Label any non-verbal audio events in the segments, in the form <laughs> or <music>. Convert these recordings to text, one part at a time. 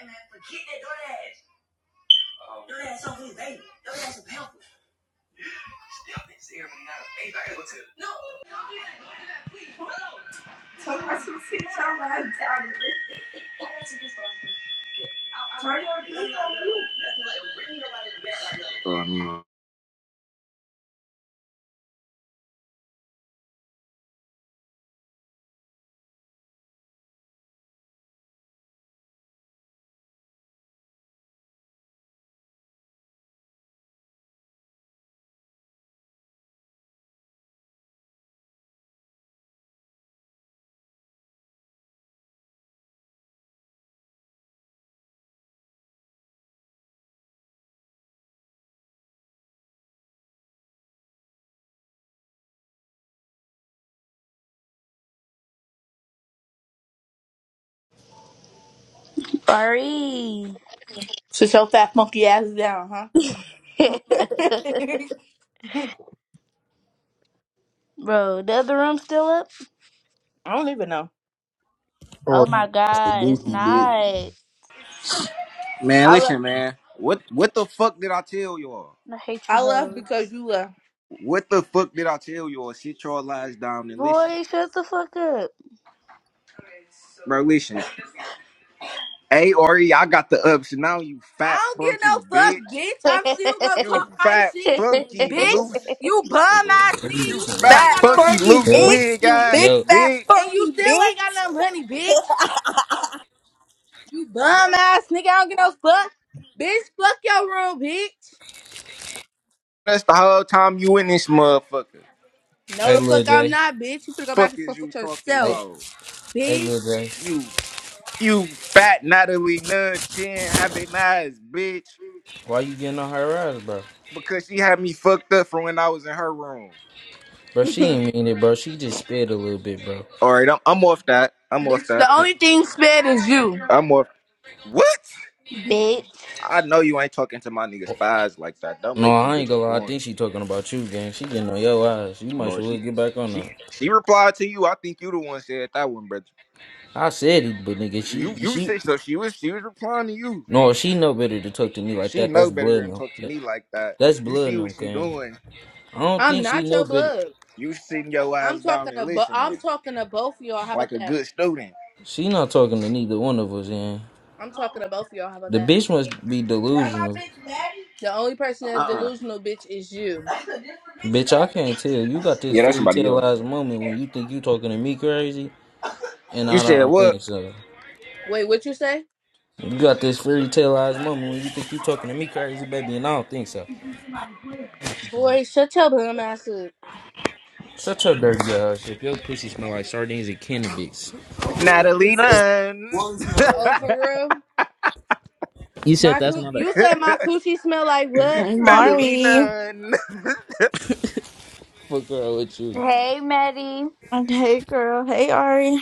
And then for that door dash. Door dash so his baby. Door dash is powerful. Y'all been serious now. Ain't I able to? No. Sorry. Sit your fat monkey ass down, huh? <laughs> <laughs> Bro, the other room still up? I don't even know. Oh Or my that's the god, it's goofy bitch. not. Man, I left. listen, man. What what the fuck did I tell y'all? I hate you I left because hoes. you left. What the fuck did I tell y'all? Sit your lies down and listen. Boy, shut the fuck up. Bro, listen. A-R-E, I got the ups now, you fat I don't get funky no fuck, bitch. bitch. I'm still gonna You talk my fat shit, funky bitch. loose. <laughs> You bum ass nigga. You You still fat ain't fat got no funky money, funky loose Yo, bitch. wig You bitch. big ass yo, fat bitch. And you funky still ain't got bitch. no money, bitch. You bum ass nigga. I don't get no fuck, bitch. Fuck your room, bitch. That's the whole time you in this motherfucker. No, hey the Lil fuck I'm J, not, bitch. You finna go back Fuck and is forth you with talking hey, yourself, about? hey bitch. Lil J, You you fat Natalie Nunn chin having eyes, bitch. why you getting on her ass, bro? Because she had me fucked up from when I was in her room. <laughs> Bro, she bitch, ain't mean it, bro. She just spit a little bit, bro. Alright, I'm I'm off that. I'm off the that. N- only thing sped is you. I'm off What? Bitch. I know you ain't talking to my nigga spies like that. Don't No, make me I get ain't your gonna lie. I going. think she talking about you, gang. She getting on your ass. You might No. as well get back on She her. she replied to you. I think you the one said that one, brother. I said it, but nigga, You she, you she, said so she was she was replying to you. no, she know better to talk to me like She that. know That's better blood, than no. talk to That- me like that. That's You blood, see no, what she gang. doing. I don't I'm think she not know your better. blood. You sitting your I'm ass down talking and to but listening I'm talking to both of y'all. How like about a that? good student. She not talking to neither one of us, gang. I'm talking to both of y'all. How about The that? bitch must be Is that delusional. my bitch Maddie? The only person that's Uh-uh. delusional, bitch, is you. That's a different Bitch, I bitch can't tell. Maddie. You got this Yeah, that's fairy somebody tale else. taleized moment when you think you talking to me crazy, and You I said don't what? think so. Wait, what you say? You got this fairy tale taleized moment when you think you talking to me crazy, baby, and I don't think so. Boy, shut your dumb ass up. Shut your dirty ass up. Your pussy smell like sardines and cannabis. Natalie Nunn. <laughs> Oh, for real? My coo- you said my coochie smell like what? Hey, Natalie Mari. Nunn. Fuck girl with you. Hey, Maddie. Hey, girl. Hey, Ari.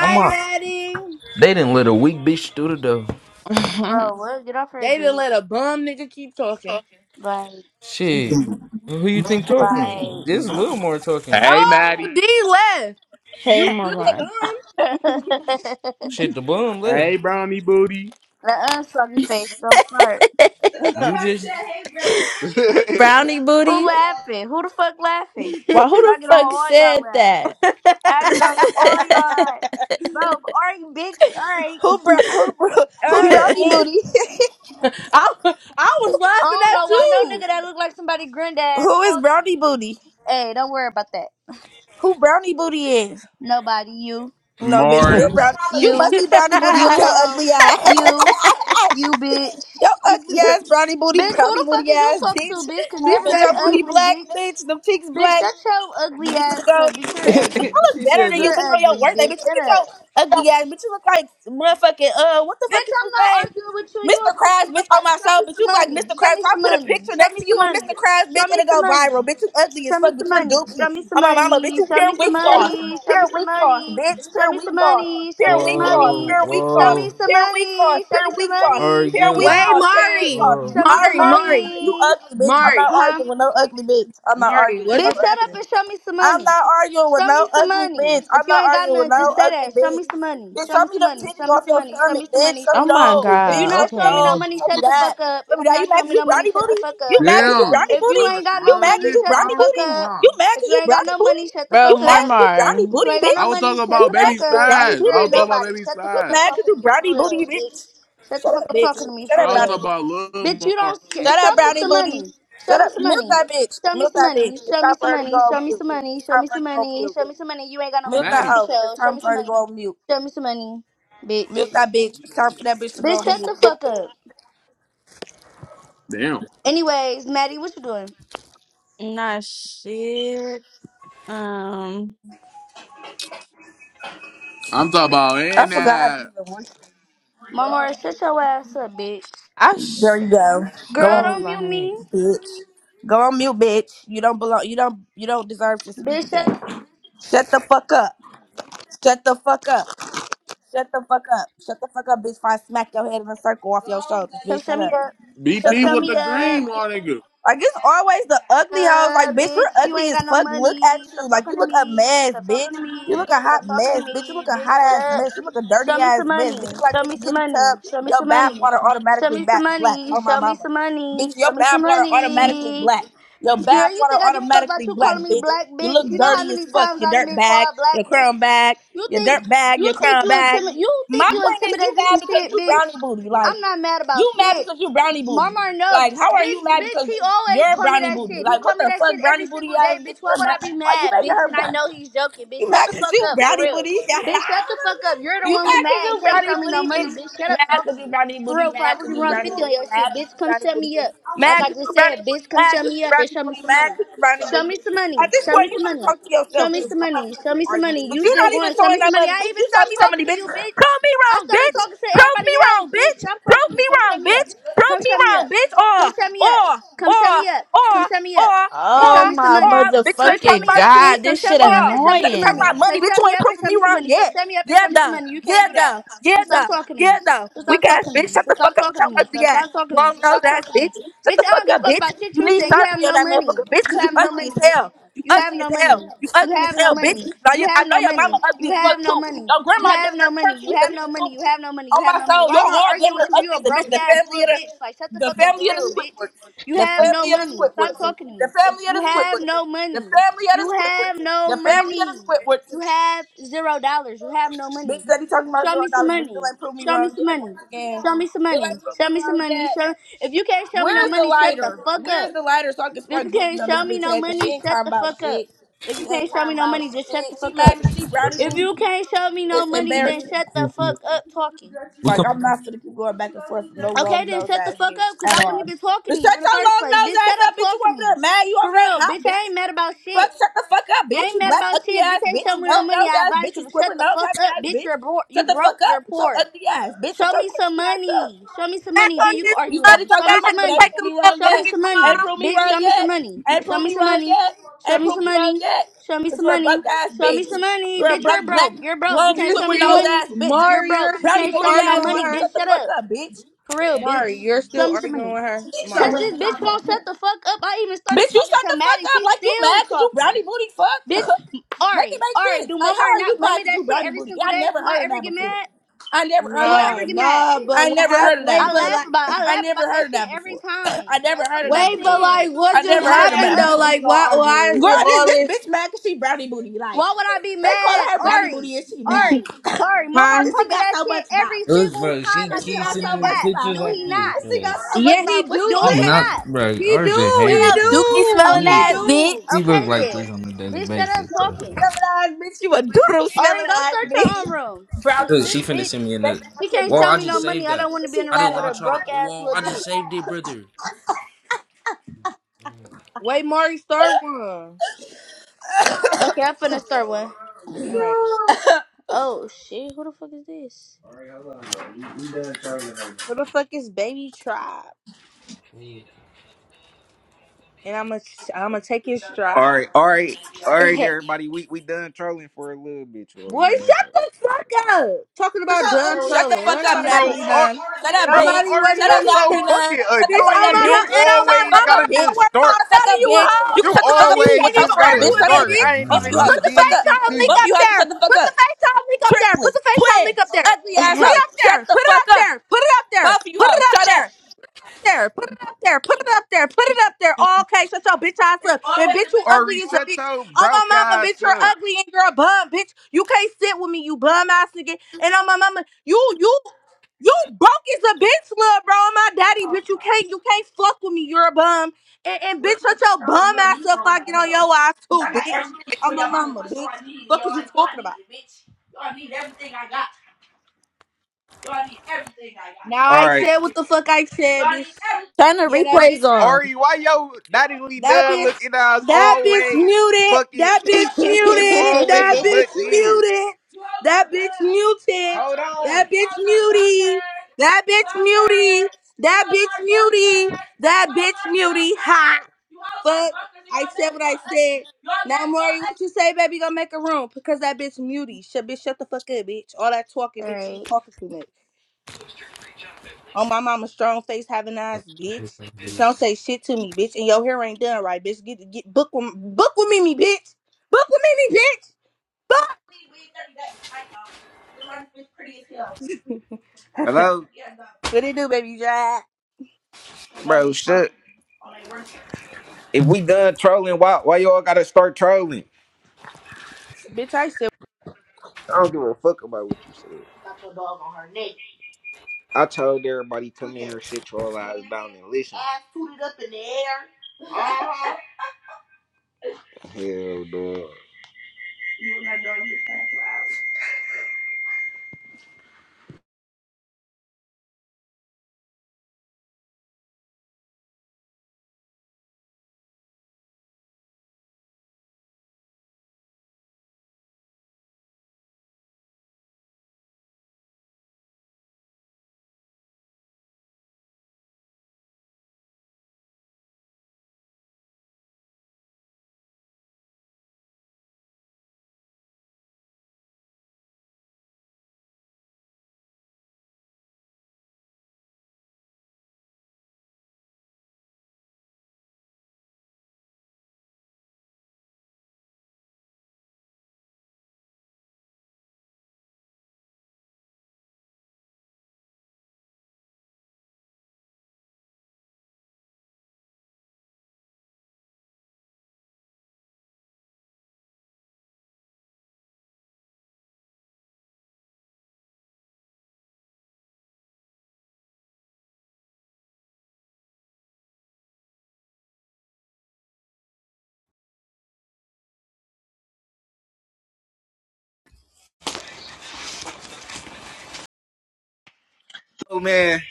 I'm out. Maddie. They didn't let a weak bitch through the door. <laughs> Bro, what? Get off her They didn't dick. let a bum nigga keep talking. Like, Shit. Who you think like. talking? <laughs> This little more talking. Hey, Oh, Maddie. D left. hey, You still a mama. bum? the Shit, the bum Hey, left. Brownie Booty. unsoggy face, don't start. You Somebody just. said, hey, brownie Bunny. Brownie Who booty. <laughs> laughing? Who the fuck laughing? <laughs> Why who 'Cause the I get on fuck all y'all said laugh. that? I get on your oil <laughs> yard. Bro, alright, bitch. Alright. Who bro- who bro- who Alright, brownie booty? bitch. I, I was I laughing don't know why no nigga that look like somebody <laughs> granddad who is talking. brownie booty? Hey, don't worry about that. Who brownie booty is? Nobody, you, No, bitch, you're Maury. brown. You you, must be brownie booty you with at your hoe, ugly ass. you, <laughs> you bitch. your ugly too. <laughs> ass brownie booty, Bitch, who brownie the fuck booty is you ass talking bitch. to, bitch? Cause She never Bitch, said, been your booty ugly, black, bitch. bitch. Them cheeks Bitch, black. shut your You ugly need to ass go, up, bitch. <laughs> You're she bitch. Bitch, ugly. I look better said, than you, that. bitch, You're on your ugly, birthday, bitch. bitch. Shut Look at up. your ugly ass, bitch. You look like motherfucking uh, what the fuck Bitch, is I'm his not name? arguing with you. You a Mr. fucking Krabs, bitch, on nobody. my Show soul, me bitch. some You look like money. Mr. Show Krabs. me So I some put a money. picture Show next me to some you of money. Mr. Krabs, Show bitch, and me it some go money. viral, bitch. You ugly as Show me fuck, some bitch. You're dookie. On my mama, bitch. money. You Show me pure some weak sauce, money. Show me pure some weak sauce, money. bitch. Show Pure me weak some sauce, money. Show pure me some money. Show me some weak sauce, money. "Whoa, pure weak Show sauce, me whoa, some pure weak sauce, money. Show me pure some weak sauce, are money. Show pure me weak your you?" "Wait, own sauce, pure weak shit. Mari, sauce. Bro. Show I me don't some Mari, argue. Mari, You, you money. ugly, bitch. I'm Mari, not Uh huh. arguing with no ugly bitch. I'm not Mari, arguing with what no Bitch, just shut ugly up happened?" bitch. and show me some I'm money. not arguing with Show me no some ugly money. bitch. If I'm you not ain't got arguing with none, no just say ugly that. Show me bitch. some money. Bitch, Show show me me some them money. titties Show me off some your money. Show stomach, me some bitch. money. Show Show Oh me me some my money. those. If you're Bitch, god. show not me showing me Okay, no those. Bitch, money, show shut me the that. fuck up. Show If me you're that. You not mad showing cause me you no money, brownie shut the booty? fuck You up. mad cause you Damn. brownie If I you was booty? making the ain't got You no wrong mad shit cause money, you shut the brownie wrong fuck booty? room, up. huh? You mad If cause you you ain't got brownie no booty? money, shut the bro, You fuck mad up. cause you Marmar. brownie You booty, ain't got no I bitch? was money. talking Shut You about the mad baby fuck cause you up, brownie spies. bitch. You're I booty, a was talking about bitch? nobody. baby Shut the You fuck spies. up mad cause talking you to me for brownie booty, real, bitch. bitch? Shut the Shut fuck up, up bitch. talking to me Shut for up, I was real, brownie talking booty. about Lil bitch. You don't scare. Shut up, Show me brownie Maury. some booty. money. Show Shut me up. some Mute money. that bitch. Show me Mute some that bitch. money. It's Show me time some for her to go money. on Show me mute. some money. It's Show time me for her some to go on money. mute. Show me some money. You ain't got no Mute money that Maddie. to hoe. show. It's Show time me for some her to money. go on mute. Show me some money, Mute bitch. that bitch. It's time for that bitch to go Bitch, on shut mute. the fuck up. Damn. Anyways, Maddie, what you doing? Nah, shit. Um, I'm talking about I and forgot how to uh even voice. Mama, shut your ass up, bitch. I it. There sh- you go. I'm Go Girl, on so don't mute, mute like, me. bitch. Go on mute, bitch. You don't belong. You don't. You don't deserve to speak Bitch, yet. shut. Shut the fuck up. Shut the fuck up. Shut the fuck up. Shut the fuck up, bitch. Before I smack your head in a circle off your shoulders, Come bitch. shut Shut me up. up. Come Shut the BP shut with fuck the me up. up. green one nigga. Like it's always the ugly hoes. Like, Uh, bitch, you're bitch, you ugly ain't as got no fuck. Look money. at Stop you. Like you talking to look a me. mess, Stop talking bitch. to You me. look a Stop hot talking to mess, bitch. You me. look a Bitch, hot shut ass up. mess. You look a Show dirty me some ass mess, bitch. money. You like Show when me you some get in the tub, money. Show me your some bath money. water Show automatically me some back black. money. Oh my Show me mama, some money. bitch, your Show me some bath water automatically money. black. Your Girl, bath you water think I give a fuck about automatically you black, calling me bitch. black You bitch? look You know how dirty as many fuck. times Your I done dirt been bag, called black your bitch? crown bag, You your think dirt bag, you your think crown you bag. intimid you My think you point is, you intimidated mad some because shit, you bitch? brownie booty. Like. I'm not mad about You mad shit. because you brownie booty. Marmar, no, Like, how are you bitch, mad bitch, he because always you're call me brownie that booty? shit. He Like, call what me the that shit fuck, every brownie booty single day, ass bitch. bitch? Why You're would mad. I be Why you mad, making bitch? her And I brown- know he's joking, bitch. You Shut mad the because fuck you up, for brownie real, booty? <laughs> bitch. Shut the fuck up. You're the you mad one who because mad you can't brownie show me no booty, money, bitch? bitch. Shut Mad up, because you talking brownie for booty. real. If I Mad really because you run brownie fifty on booty. your shit, Mad because bitch, you come brownie shut booty. me up. Like Mad I cause you a just brownie said, booty. bitch, come Mad shut cause you me up and brownie show me booty. some Mad money. cause you brownie Show booty. me some money. At this Show me point, you some finna money. talk to Show yourself, me bitch. some I'm not money. finna Show be me some arguing with you. money. But You you still not even going? Show throwing me that some money. money, I bitch. even You saw stopped me some money, talking to bitch. you, Prove bitch. me I wrong, started bitch. talking to Prove me everybody else, wrong, bitch. bitch. Stop talking Prove to me. me Come wrong, shut me up. bitch. Prove Come me shut me wrong, up. bitch. Or, Come shut me up. or, Come shut or, me up. or, Come shut me up or, and show or, oh me some my or, money. bitches Come ain't shut talking motherfucking me about up. shit. god, Come this shut shit me up Or, and show me let me some talk annoying. money. about Come money, bitch. shut You me ain't up and proving show me me some wrong money. Come yet. shut me up and Yeah, show me some though. money. You can't Yeah, do that. though. So Yeah, stop though. talking to me. Yeah, though. So stop Weak ass talking to bitch. me. Shut So the fuck stop up with talking your to me. So ugly stop ass. talking to me. Long So nose stop ass talking to me. bitch. Shut Bitch, the I fuck don't give a up, fuck bitch. about shit You you need say. You have surgery on no that money. motherfucker, bitch, You because you have no ugly money, as hell. bitch. You You have ugly no as hell. money. You You ugly as have no hell, bitch. money. Now You you, I have know no your mama money. You ugly as have fuck no too. money. Your You grandma have damn no near money. You crunchy as have a no bitch money. too. You have no money. On You have my no money. soul, Why y'all am I all arguing damn with near you? You a ugly as a bitch. broke The ass family little of bitch. Like shut the the, the fuck up for family of the real, bitch. Squidwards. You The have no family of the money. Stop Squidwards. talking to The me. family of You the have Squidwards. no The money. family of the You Squidwards. have no The family of money. the Squidwards. You have zero dollars. You have no money. Bitch that he talking about Show zero me some dollars, but still money. ain't prove me Show me wrong some yet. Once money. again, Show me some still money. ain't prove Show me me some wrong money. yet. Show if you can't show me no Where's the money, shut the lighter? fuck up. Where's the lighter so I can If spray you dookie can't on this show me bitch no head? Cause she money, ain't shut talking the about fuck up. shit. If She you ain't can't show talking me no about money, just shut the shit. She fuck up. mad cause she brownie If booty. you can't show me no It's money, then embarrassing. shut the fuck up talking. Like I'm not finna keep going back and forth with no Okay, long then nose shut the ass fuck bitch up, cause at I wasn't all. even talking But to you shut in the your first long place. nose Bitch, shut ass up, up bitch. You talking to over me. there mad? You over For there real, hot, bitch, I bitch? ain't mad about Fuck, shit. shut the fuck up, I bitch. ain't You mad black about ugly shit. If you ass can't bitch. show You me no long money, nose I ass advise bitch. you You to shut squibber the nose fuck having up, ass bitch. bitch. You're bro- Shut you the fuck broke. You're up. So poor. ugly ass bitch. Shut Show your me some crunchy ass up. money. Show me some Back money. What on Then is you you this can talk? You argue with started me. motherfucker, talking Show I me about had some money, but to ain't money. take prove me a wrong Show me yet. motherfucking some Ain't money. call. prove me Bitch, wrong show me some yet. money. Ain't Show prove me me some wrong money. yet. Show Ain't me prove some me wrong money. yet. Show me Cause some you're a money. broke ass Show me bitch. some money. You're a Bitch, broke you're black broke. You're broke. You long can't You're show squidward me no nose still money. ass bitch. You're Mari. broke. You're You Brownie can't still booty show me no ass arguing with money, bitch. her, Shut bitch. the Shut fuck up. up, bitch. For real, bitch. Mari. You're Show still me some arguing money. with her, Get Cause your Mari. this ass. bitch won't shut the fuck up. I even started Bitch, you talking shut the to fuck Maddie. up. She's Like you still mad cause you talking. brownie booty fuck. <laughs> Bitch, make it Ari, make Ari, sense. do Like mama how are you not call me mad cause that you shit brownie every booty? Yeah, single I day? never Do heard I of ever that get before. mad? I never heard Do of I that ever No, get before. mad? no, but I what never heard happened? of that Wait, I but before. laugh like, about I I laugh never about that heard of shit that every before. <clears throat> time. I never Like fuck heard of is you that wait, but before. saying? like, what I just never heard Bitch, of shut happened that though? before. up. Like, why, why is Girl, it this, all this this? bitch mad cause she brownie booty. Like Why would I be they call mad? her brownie Ari, booty and she Ari, mad. <laughs> <coughs> Ari, Mama Huh? and she call me got that so shit much mouth. every Look, single bro, time she I And get she keeps on got this so sending me much app. mouth. pictures Do And like he this, not? she bro. got so much Yeah, he mouth. What do. you Do She Okay, he say? not, not? bro. he RJ do. He hating, bro. Dookie do. smelling She, He ass Okay. do. bitch. she look Okay like then. this on a daily Bitch, shut up basis, bro. Dookie talking. smelling eyes, bitch. You a doodle Ari, smelling go eyes, start bitch. your own room. Brownie. Cause Look, she this finna bitch, send me another. Best I she said can't Whoa, black show I me no just bitch. money. saved I that. don't want And to be she in a I room did mad with at a not me. try to. broke ass Whoa, little I bitch. just saved it, brother. Wait, Mari, start one. Okay, I'm finna start one. All right. Oh shit, who the fuck is Who the fuck is Baby Tribe? I And I'm gonna I'm gonna take his all stride. right, all right, all right, everybody. We we done trolling for a little bit, well, Boy, we done shut trolling. the fuck up. Talking about done Shut the trolling. fuck Why up, nobody Natalie Bro, trolling? Ar- Nunn. Shut up, bro, bitch. Nobody Ari, wasn't Shut you up, one. so Natalie <laughs> Nunn. fucking Shut the Bitch, fuck oh up, annoying. my bitch. mom, You and oh Shut my the mama, always fuck I'm up, gotta bitch. not just worried Shut start. about the fuck none of up, you bitch. hoes. You can You Oh, shut my the fuck mama, up you too. always What's can't your even just friend, gotta argue bitch? with just Shut me, told up. start. bitch. her, I ain't Both of I'm even you hoes, not. Put shut just the the fuck did up. shit FaceTime to link you. Both of up you hoes, can there. shut the fuck Put up. the FaceTime link up there. Put Triplets, the FaceTime twins, link up there. ugly ass this? <laughs> Put it hoes. up there. Shut the Put it fuck up up. there. Put it up there. Both of you Put it hoes, up shut there. up. there. Put it up there. Put it up there. Put it up there. Oh, okay, shut your bitch ass It's up. And always the bitch, you bitch. Or who ugly as a reset bitch. your Oh broke my mama, ass bitch, you're up. ugly and you're a bum, bitch. You can't sit with me, you bum ass nigga. And on my mama, you you you broke as a bitch, love, bro. And my you daddy, talking bitch, you can't you can't fuck with me. You're a bum. And, and bitch, the shut your bum No, ass you up. If talking I get on your ass Bitch, too, I got bitch. everything for On my your mama. mama, What's all bitch. I need? Fuck Y'all, is you y'all talking need about? it, bitch. Y'all need everything I got. Y'all need everything I Now got. All I right. said what the fuck I said, Y'all bitch. need everything. Turn the Yeah, that bitch. replays on. Ari, why yo naughty That done bitch, looking eyes that bitch always muted. fucking. That <laughs> Alright. bitch You muted. always That butt bitch in. muted. That bitch muted. Hold on. That bitch muty. That bitch muty. That bitch muty. That bitch muty. Ha. Fuck. I said what I said. Now, Maury, what you say, baby? Gonna make a room because that bitch muty. Shut bitch, shut the fuck up, bitch. All that talking, bitch. You talking too much. On my mama strong face having eyes, bitch. Bitch, Don't say shit to me, bitch. And your hair ain't done right, bitch. Get get book with book with Mimi, bitch. Book with Mimi, bitch. Book. Hello? What it do, baby? Jack? Bro, shut. If we done trolling, why why y'all gotta start trolling? Bitch, I said. I don't give a fuck about what you said. Got your dog on her neck. I told everybody come in here, sit your all eyes down and listen. Ass tooted up in the air. Uh-huh. Hell dog. You and that dog get fat flowers. Oh man,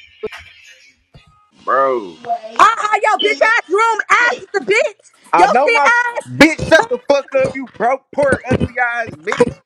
bro. Wait. Uh uh yo, bitch shit. ass room ass is the bitch. Yo I know shit my s- ass. bitch. Shut the fuck up, you broke, poor, ugly eyes, bitch.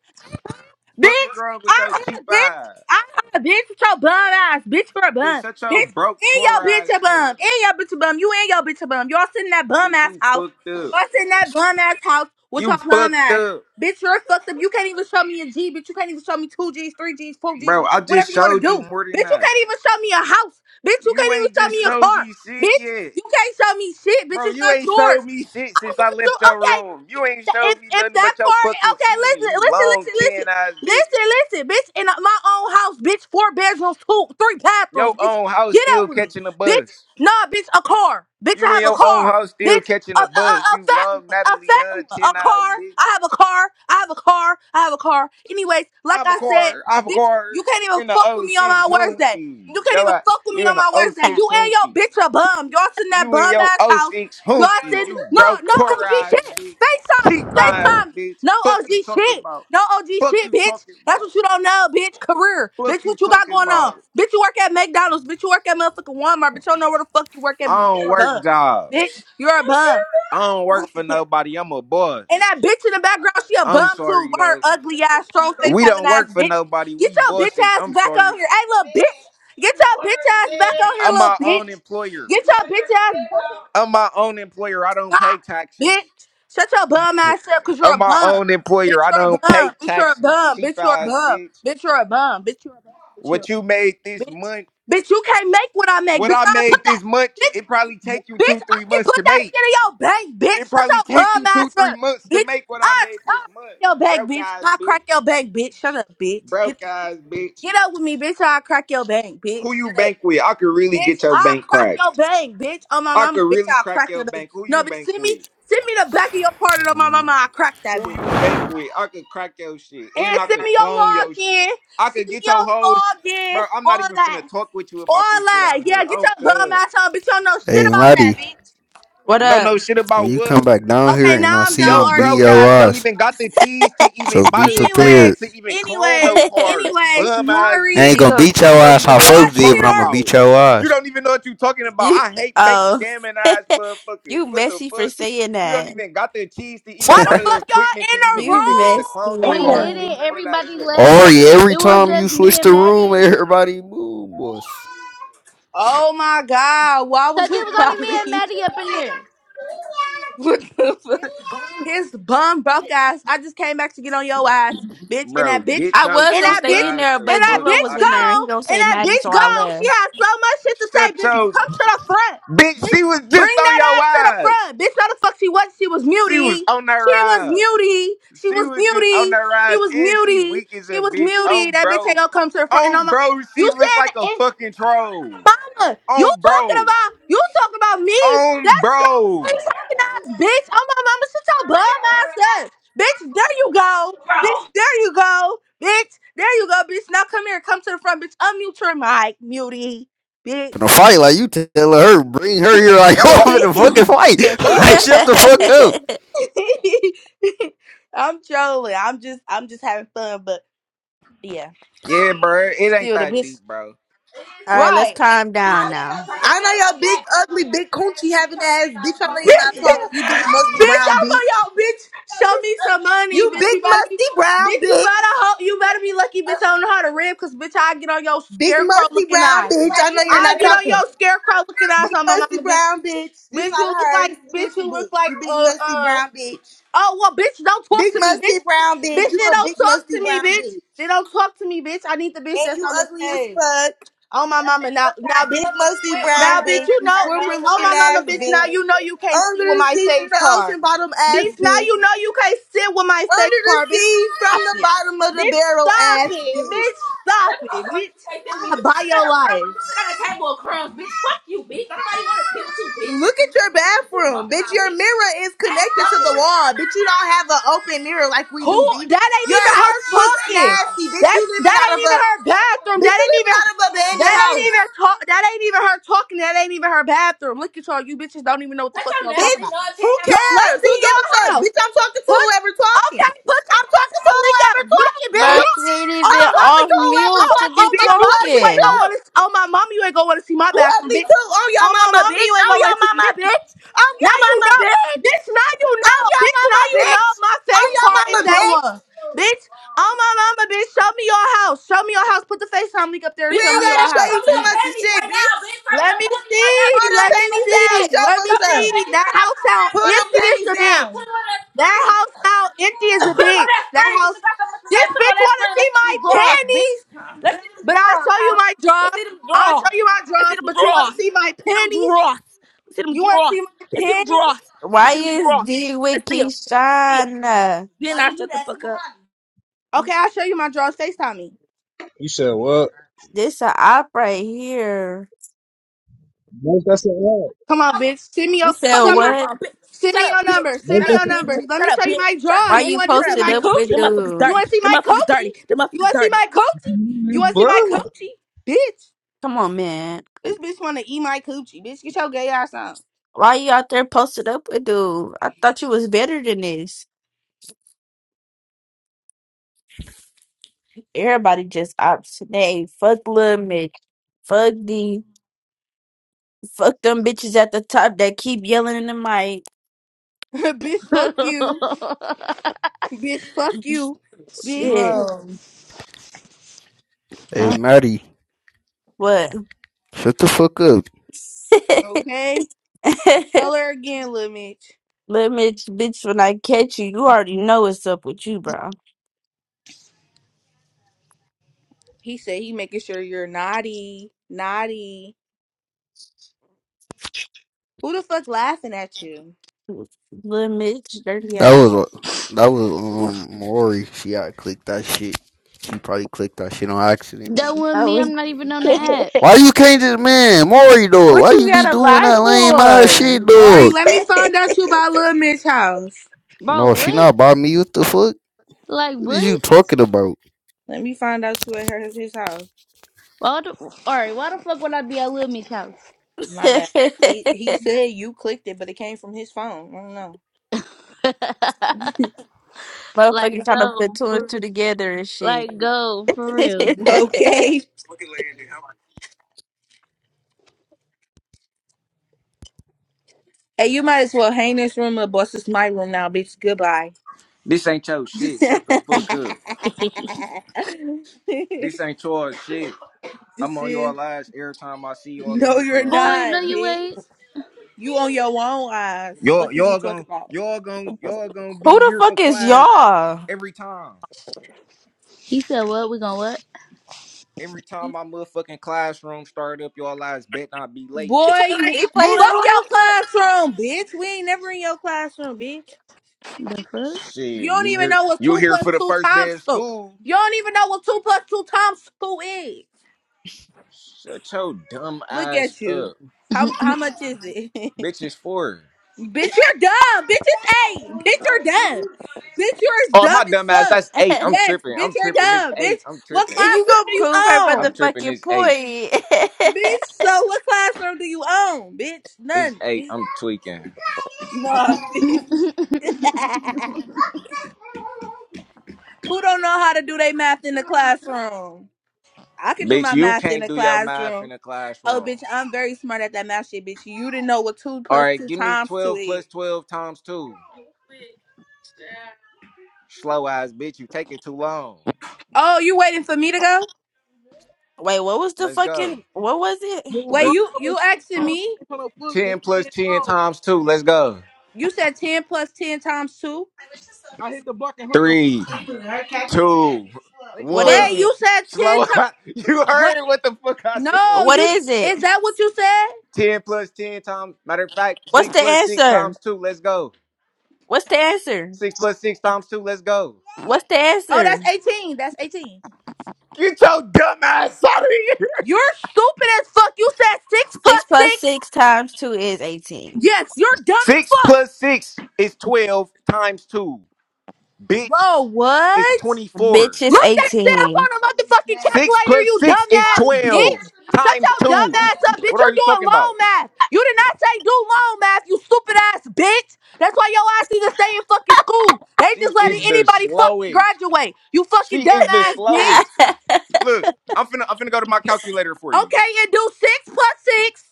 Fucking Bitch, wrong with I your heard, cheap bitch, eyes, I heard, bitch, with your bum ass, bitch, for a bitch. bum. Shut your Bitch, broke, in your poor eyes bitch a up, bum, in your bitch a bum, you in your bitch a bum. Y'all sitting in that bum bitch. ass You house. fucked up. Y'all sitting in that bum ass house with You your bum fucked ass. up. Bitch, you're fucked up. You can't even show me a G, bitch. You can't even show me two Gs, three Gs, four Gs, Bro, I whatever just you want to showed do. you more than Bitch, you that. can't even show me a house. Bitch, you You can't even ain't show just me a showed car. me shit Bitch, yet. you can't show me shit. Bitch, Bro, it's you not ain't yours. showed me shit I since I want you. left your Okay, room. if You ain't if showed me if nothing that but your car. fucking Okay, chin, listen, you listen, long listen, chin listen, eyes bitch. listen, listen, bitch. In my own house, bitch. Four bedrooms, two, three bathrooms, Your bitch. own house Get up still with me, catching a bitch. bus. Nah, bitch. A car, bitch. You I in have a your own car, house still bitch. catching A, a, a a, bus. a You fat one, long a Natalie fat none one, a chin eyes car. bitch. I have a car. I have a car. I have a car. Anyways, like I'm a I said, car. I'm a bitch, car you can't even in fuck with the me on '06 my worst day. Humpty. You can't Yo, even I, fuck with me you in on my the worst day. <laughs> '06 You and your Humpty. bitch a bum. Y'all sit in that You and bum your ass O house. six Yo, hoopty, I said you no, broke no poor OG eyes, shit. bitch. FaceTime me, Cheap eyes, FaceTime me. bitch. No Fuck OG you talking shit, about. no OG Fuck shit, you bitch. talking That's about. what you don't know, bitch. Career, Fuck bitch. you What you got talking going on, about. bitch? You work at McDonald's, bitch. You work at motherfucking Walmart, bitch. You don't know where the fuck you work at, I don't but bitch. You're a work bum, jobs. bitch. You're a bum. I don't work for <laughs> nobody. I'm a And boss. that bitch in the background, she a I'm bum too. sorry with Her though. ugly ass, strong face We having don't ass work for bitch. nobody. Get We your bitch bosses. ass I'm back out sorry. here. Hey, little bitch. Get your bitch ass back out here, I'm little my own bitch. employer. Get your bitch ass. I'm my own employer. I don't God, pay taxes. bitch. Shut your bum ass up, cause you're a I'm my bum. own Bitch, employer. I you're a don't pay bum. Bitch, you're a taxes. bum. Cheap Bitch, you're a ass bum. bitch. Bitch, you're a bum. Bitch, you're a bum. Bitch, you're a What you made this bitch. month, Bitch, you can't make what I make. what Bitch, I I put made that. this month, Bitch, it probably take you bitch, two, I three can months put to that make. shit in your bank, bitch. It Shut probably your take bum you two, ass three up, months to bitch. make what I I, made this I month. You your bank, broke bitch. ass I bitch. crack your bank, bitch. Shut up, bitch. Get Broke ass bitch. get up with me, bitch. or I crack your bank, bitch. Who you Shut up. bank with? I could really Bitch, get your I'll bank crack your cracked. bang, bitch. Oh my I mama, could bitch, really I'll crack crack your your bang. bank. Who No, you bitch, bank send me, with? send me the back of your part of my mama, Mhm. I'll crack that Who bitch. you bank with? I could crack your shit, and And I send could me your clone your shit. login. I Send could me get your your whole shit, login. bro. I'm not All even finna that. talk with you All about this shit that. out Yeah, here. get Oh, your bum cuz. ass on, bitch. You don't know shit Hey, about that, Marty, bitch. What Don't know up? no shit when about you come what. back down here Okay, and now I I'm see you, Yo, I'm done beating arguing broke with your guys don't ass. even got the cheese to So even buy be you. the prepared. equipment to Anyways, even clone <laughs> no anyways, cars. anyways, Bum ass I Mari, ain't bitch. you gonna go beat your You don't ass even how know y'all in what you folks did, it but talking I'm or gonna about. beat your You ass. don't even know what you talking about. you I hate fake oh scamming ass <laughs> motherfuckers. you What the messy for fuck? saying You don't that. even got the cheese to even why buy <laughs> the the fuck y'all equipment to in a even get You this shit to clone no We messy. cars. did Do it. room? none of that Everybody shit. You fucked Ori, left. up. every It was Stop time it. you just me switch and the Maddie room, in there. everybody move, boss. Oh my god, why Cause was it you was <laughs> only me and probably? Maddie up in there. <laughs> What the fuck? His bum broke ass. I just came back to get on your ass, bitch. And Bro, that bitch, get I your was and gonna that cheap stay in bitch, ass there, the and but G that fuck Lo was bitch out of in here. there and he gone, gonna and say that Maddie, bitch so I gone. She left. has so much shit to say, Shut bitch. your Come to the front, Bitch, she bitch. was just Bring on that your ass to the eyes. front, bitch. Know the fuck she was? She was She muty. was on their She was eyes. muty. She She was was just on muty. their She eyes, was and she muty. weak as She a was bitch. muty. On That bitch ain't bro, gonna come to the front. And on I'm like, bro, you she looked like said a that fucking troll. mama. You On talking bro, about you talking about me? on That's your bro. face talking ass, bitch. Oh my mama, sit your bum ass up. Bitch, there you go. Bitch, there you go. Bitch, there you go, bitch. Now come here, come to the front, bitch. Unmute your mic, mutie, bitch. In a fight, like you telling her, bring her here, like <laughs> oh, I'm in a fucking fight. <laughs> Like shut <laughs> the <laughs> fuck up. I'm trolling. I'm just I'm just having fun, but yeah. Yeah, bro, it ain't Still the that bitch. deep, bro. All right, Right. let's calm down now. I know your big, ugly, big coochie having ass bitch. I know you Yeah. not talk. You big <laughs> musty bitch, brown I'm bitch. on y'all, bitch. Show me some money, You bitch. big You better be, musty brown bitch. You better bitch. hope you better be lucky, bitch. I don't know how to rib, cause bitch, I get on your Big scarecrow musty looking brown eyes. bitch. I know you're I not get on talking. your scarecrow looking eyes Big on my musty mama, bitch. brown bitch. This Bitch, you not look her. like, This a bitch, you different look bitch. like, You big uh, musty uh. brown bitch. Oh well, bitch, don't talk Big to me, musty bitch. brown bitch. Bitch, You they a don't big talk musty to me, brown bitch. bitch. They don't talk to me, bitch. I need the bitch And that's you on this ugly as page. fuck. Oh my mama, now, now, bitch. Big musty Now, brown bitch, bitch. you You know, bitch, squirper oh looking my ass mama, bitch, now bitch. you know you can't sit Under with the my sea from face the card. ocean bottom ass Bitch, now bitch. you know you can't sit with my face Under the card. Bitch, sea, from stop the it. bottom of the Bitch, barrel, stop ass bitch. it. That's Bitch, stop what I'm it. talking about. You Bitch, can't feel I'm me, gonna but you buy sit on your a crumb. life. You sit on a table of crumbs, bitch. Fuck you, bitch. Nobody want to sit with you, bitch. Look at your bathroom, bitch. Your mirror is connected to the wall, bitch. You don't have an open mirror like we Who? do, bitch. That ain't Your even house her looks talking. nasty, bitch. You That's living that out of ain't a even her bathroom. bitch. That You ain't living out even of a abandoned that ain't house. even talk. That ain't even her talking. That ain't even her bathroom. Look at y'all, you bitches don't even know what the Cut fuck your y'all Bitch, talking lousy about. love who out Y'all, let's cares? Who see gives a Fuck y'all house. Bitch, I'm talking to Put whoever talking. okay, put the I'm talking FaceTime to link whoever up. You don't talking, you But bitch. don't she ain't oh I'm even my mama talking off you to whoever mute oh, to talking, be oh my bitch. You mama you ugly ain't gonna talking. too. wanna oh my mama you ain't gonna wanna see my You bathroom, ugly bitch. too. On your Oh my mama, mama bitch. you ain't On gonna wanna your see mama, bitch, bitch. On now your you mama, know bitch. bitch now you On know your bitch mama, now you know bitch. On my Oh face your card is mama, that bitch. one. Bitch, oh my mama, bitch, show me your house. Show me your house. Put the FaceTime link up there We and Bitch, ain't throw me show me your gotta your show you house. throw me too Let me your see. much of panties shit, right now, bitch. bitch. Throw me Let your me panties right now, see. Pull bitch. them Let Take your panties me fucking down. see. ass. Show us Let Throw me me your some. see. panties That right now. house Put them on that sound Pull them screen, empty panties as a down. bitch. Put them on that That screen. house now empty Put as a him on bitch. that That screen. Since house. you got so much to say, This put him on bitch that wanna screen. see Let's see my them draws, bitch. panties, Let's see them but I'll draws, show you Kyle. my Let's drawers. see them I'll draws. show you my Let's drawers, see them but you wanna draws. see my Let's see them panties? draws. Let's see them You wanna draws. see my Let's see them panties? draws. Let's Why see them is draws. D Let's with see them. Let's see them. Keyshawn? Then I shut the fuck up. Okay, I'll show you my drawers. FaceTime me. You said what? This a op right here. Make us a what? Come on, bitch. Send me your You said Fuck send up me my what? phone, bitch. send Shut me up, your bitch. number. Send Make Shut me us up, your bitch. numbers. Let me Shut up, show you bitch. my Shut up, drawers. Why bitch. You you want to Shut see up, posted my bitch. up with Them coochie? motherfuckers dude? You dirty. wanna see Them my motherfuckers coochie? dirty. Them You motherfuckers wanna see dirty. my coochie? a You wanna see my what? coochie? Bitch. Come on, man. This bitch wanna eat my coochie. Bitch, get your gay ass on. Why you out there posted up with dude? I thought you was better than this. Everybody just ops today. Fuck Lil Mitch. Fuck D. Fuck them bitches at the top that keep yelling in the mic. <laughs> bitch, fuck you. Bitch, fuck you, <laughs> bitch. Shit. Bro. Hey, Marty, What? shut the fuck up. Okay? <laughs> Tell her again, little Mitch. Little Mitch, bitch, when I catch you, you already know what's up with you, bro. He said he making sure you're naughty. Naughty. Who the fuck laughing at you? Little Mitch, dirty That ass. was that was um Ori. She got clicked that shit. She probably clicked that shit on accident. That wasn't Oh, me. <laughs> I'm not even on the app. Why you can't just man, Maury dog? what Why you you be gotta doing lie that lame ass shit, for? <laughs> Mari, dog? let me find out you about lil Mitch house. Bro, No, she what? not by me. What the fuck? Like What is you what? talking about? Let me find out you at her his house. Why the alright, why the fuck would I be at Lil Miss house? My bad. He he said you clicked it, but it came from his phone. I don't know. Like Motherfucker trying to put go two and for two together and shit. like go for <laughs> Who real. <laughs> <laughs> Okay. Hey, you might as well hang this room up, boss. It's my room now, bitch. Goodbye. This ain't your shit. Shut the fuck up. This <laughs> ain't your shit. I'm this on is your lives every time I see y'all in No, this you're motherfucker. Boy, not, no you bitch. ain't. You on your own eyes. Y'all, Fuck is you y'all talking gon' about? y'all gon' y'all gon' be the here fuck for is class y'all? every time. He said what? We gonna what? Every time my motherfucking classroom start up, y'all lives bet not be late. Boy, you He Boy, plays <laughs> fuck who your the classroom, bitch. We ain't never in your classroom, bitch. fuck? The You Shit, don't you even here? know what You two here plus for the two first day times of two. school? You don't even know what two plus two times two is. Shut your dumb Look ass at you. up, How fuck? <laughs> how much is it? <laughs> bitch. Is four. bitch, you're dumb. Bitch, it's eight. Bitch, you're dumb. Bitch, you're as Oh, dumb my as dumb ass. fuck. That's eight. and I'm Yes, tripping. bitch, I'm you're tripping. It's dumb. eight. Bitch, I'm what tripping. you classroom gonna do you prove her own? I'm tripping. motherfucking It's eight. point. <laughs> Bitch, so what classroom do you own? Bitch, It's none. <laughs> eight. Bitch, I'm tweaking. no, bitch. <laughs> Who don't know how to do their math in the classroom? I can do Bitch, my you math in can't the do your math classroom. in a Oh, classroom. bitch, I'm very smart at that math shit, bitch. You didn't know what two All plus right, two give me times two 12 is. plus 12 times 2. Slow eyes, bitch, you take it too long. Oh, you waiting for me to go? Wait, what was the Let's go. fucking what was it? Wait, Let's you you asking me? 10 plus 10 times 2. Let's go. You said ten plus ten times two. Three, two, one. What Wait, is it? you said ten Slow times eyes, <laughs> You what? heard what the fuck I said, No, What you bro. is it? is that what you said? 10 plus 10 times, matter of fact, What's 6 the plus 6 answer? times 2. Let's go. What's the answer? 6 plus 6 times 2. Let's go. What's the Oh, answer? that's eighteen. That's eighteen. Get your dumb ass out of here. You're stupid as fuck. You said six Six plus plus six. six times two is eighteen. Yes, you're dumb as Six fuck. plus six is twelve times two. Bitch Bro, is what? Bitch twenty-four. is Look that shit up eighteen. on a motherfucking Six calculator, plus you six is dumbass twelve bitch. Shut times your dumb two. ass up, bitch. What are You're you doing talking loan about? math. You did not say do loan math, you stupid ass bitch. That's why your ass need to stay in fucking school. They just She letting is the anybody fucking slowest. graduate. You She fucking dumb is the ass slowest. bitch. <laughs> Look, I'm finna I'm finna go to my calculator for you. Okay, and do six plus six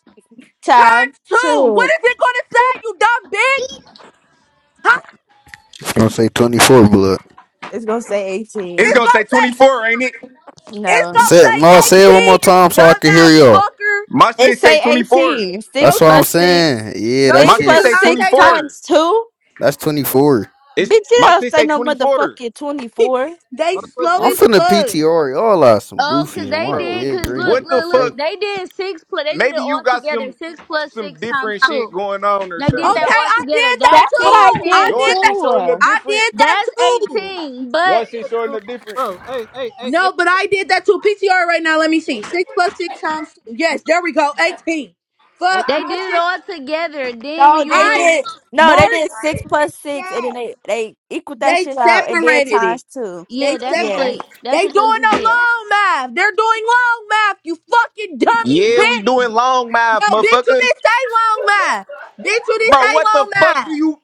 Time times two. What two. is it gonna say, you dumb bitch? Huh? She's gonna say twenty four blood. It's gonna say It's It's gonna eighteen. say gonna say twenty-four, ain't it? It's No. Say gonna no, say say it one more 18, you time so I can dumbass hear y'all. fucker. My It shit say say twenty-four. eighteen. Yo Six That's what shit, I'm plus six. saying. Yeah, yo that My Six shit shit do plus say shit's not six say no. twenty-four. times two. that's twenty four. It's Bitch, you my don't shit say say no twenty-four. motherfucking twenty-four. They slow I'm as finna fuck. PTR y'all out some Oh, cause goofies on they my Bro, did. dead Cause green. look, what What the the look, fuck? fuck? look. They did six plus. They did it Maybe you all got together. some Six plus some six times different shit two. going on or They did something. that Okay, all I together. did that That's That's what I too. I did eighteen. Your did that. shit showing up too. I different. did that That's too. eighteen. Your But shit showing up different. No, but I did that too. PTR right now. Let me see. Six plus six times two. Yes, there we go. 18. Fuck they my did it shit. all together. Then when No, you they I do, did. No, they Mark. did six plus six, and then they they equaled that They shit out and did separated it. times two. yeah, They that's what Yeah. they. separated. That's They doing what they just a did. long math. They're doing long math. You fucking dummy Yeah, we bitch. doing long math, No, bitch, you motherfucker. didn't say long math. Bitch, you didn't Bro, say what the long fuck do math. you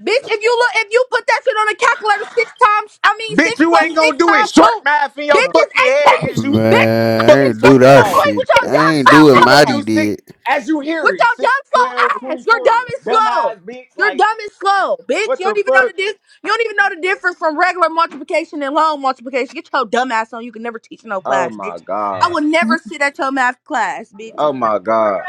Bitch, if you look, if you put that shit on a calculator six times, I mean bitch six you plus ain't gonna six do it times short two, math in your bitch is fucking head, eighteen. is you? Bitch, I Man, Fuck I get you ain't do straight talking to that the about? point shit. with your I dumb ain't do slow what You gonna Maddie do ass. six did. as you hear With it, your Six, dumb slow twelve, ass, you're dumb twenty-four. and 12, 24. slow. Dumbass bitch, You're like dumb and slow, bitch. what You don't the even know the fuck? di- You don't even know the difference from regular multiplication and long multiplication. Get your dumb ass on. You can never teach no Oh class, my bitch. I god. will never sit at your math class, bitch. Oh my god.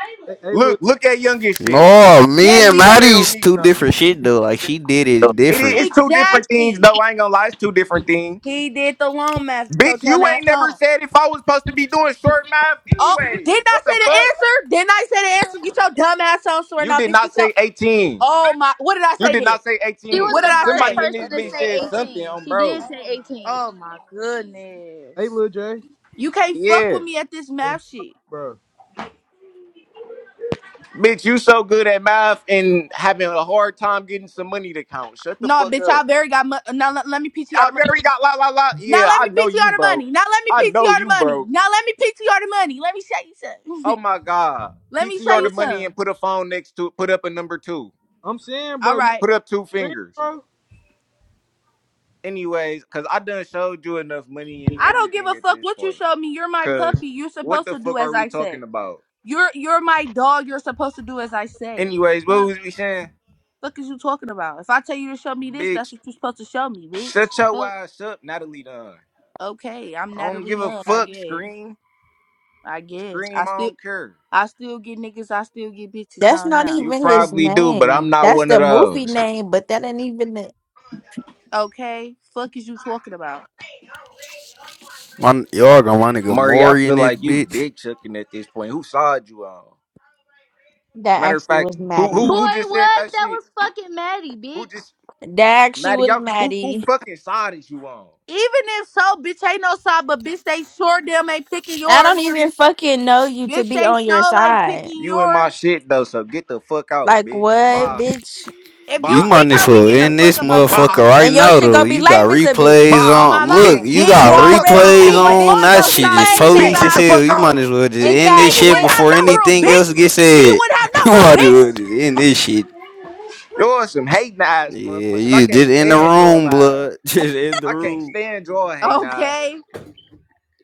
Look, look at youngest shit. No, Yes, me and Please because. tell Maddie's me two something. different shit though. Like she did it It is different. it's two different things Exactly. though. I ain't gonna lie, it's two different things. He did the long math. Get your Bitch, dumb you ass ain't never on. said if I was supposed to be doing short math Oh, anyways. didn't I What say the the fuck? answer? Didn't I say the answer? Get your dumb ass on, swear You now, did bitch. not Get your. say 18. Oh my. What did I You say did then? not say She 18. was What did the I first Somebody say? in person this to bitch say said something eighteen. on She did bro. say eighteen. Oh my goodness. You can't fuck Yeah. with me at this math shit. Bitch, you so good at math and having a hard time getting some money to count. Shut the No, fuck bitch. I up. very got money. Now let, let me PTR I the money. very got la la la. Now Yeah, let I me know PTR you the broke. money. Now let me I know PTR the you money. broke. Now let me PTR the money. Let me show you Oh some. my god. <laughs> let me show PTR the you money some. and put a phone next to put up a number two. All right. Put up two fingers. anyways, because I done showed you enough money and I don't give everything a at fuck this what you point. showed me. You're my Because puppy. You're what supposed the to do fuck are as we I talking say. about? You're you're my dog. You're supposed to do as I say. Anyways, what Fuck, was we saying? fuck is you talking about? If I tell you to show me this, that's Bitch, what you're supposed to show me, bitch. shut your Fuck. ass up, Natalie Dunn. Okay, I'm I don't Natalie give a Nunn. I fuck, guess. scream. I guess. I Scream, I still don't care. I still get niggas. I still get bitches. That's I don't not know. You even his probably do, but I'm name. not That's one of the movie those. name, but that ain't even the, Okay. Fuck is you talking about? My, y'all gonna want to get Murray, I Maury in feel this like you bitch. dick chucking at this point. Who sawed you on? that Matter of actually fact, was who Maddie. who who Boy, just said what? that That shit? was fucking Maddie, Who bitch. just That actually Maddie, was y'all, who who Maddie. fucking side is you on? Even if so, bitch ain't no side, but bitch they sure damn ain't picking I don't yours. even fucking know you to Bitch be they on your sure ain't side. picking You in my yours. shit though, so get the fuck out, Like bitch. what, Bye, bitch? If you You bye, might kick as her, we well getting the in fuck this about your room. bye, motherfucker right And your now shit though. gonna be You got lame as a bitch. replays bye, on my on. Look, mama, bitch. you You bitch. got Get the fuck already replays Take on, cheap, away bitch. all bitch. on. You That your gonna be shit shine, just you lame cheap Bitch, police get as the next. ass hell. fuck nigga. You might as on. well just And, and Cheap then end ass this you shit wouldn't bitch. have before no Fuck you room, anything talking else bitch. about? gets Then you said. wouldn't have <laughs> no You room, might as well just end this shit. You're some hating ass Yeah, motherfuckers. I you can't just in the stand your room, lies. blood. <laughs> Just in the I can't room. stand your hating ass. bitch. Okay.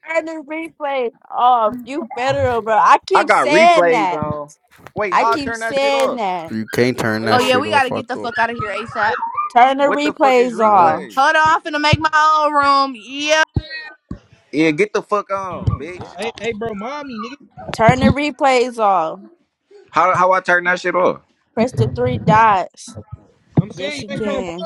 Turn the replays off. You federal, bro. I I keep got saying replays that. on. Wait, I how I keep turn that shit saying off? that. You can't turn Oh that yeah, shit we gotta off. I get the thought fuck out of here ASAP. Turn the What the fuck is replays off. replays? merch. Hold on, I'm finna make my own room. Yeah. Yeah, get the fuck on, bitch. Turn the replays off. How how I turn that shit off? Press the three dots. Yes, you can.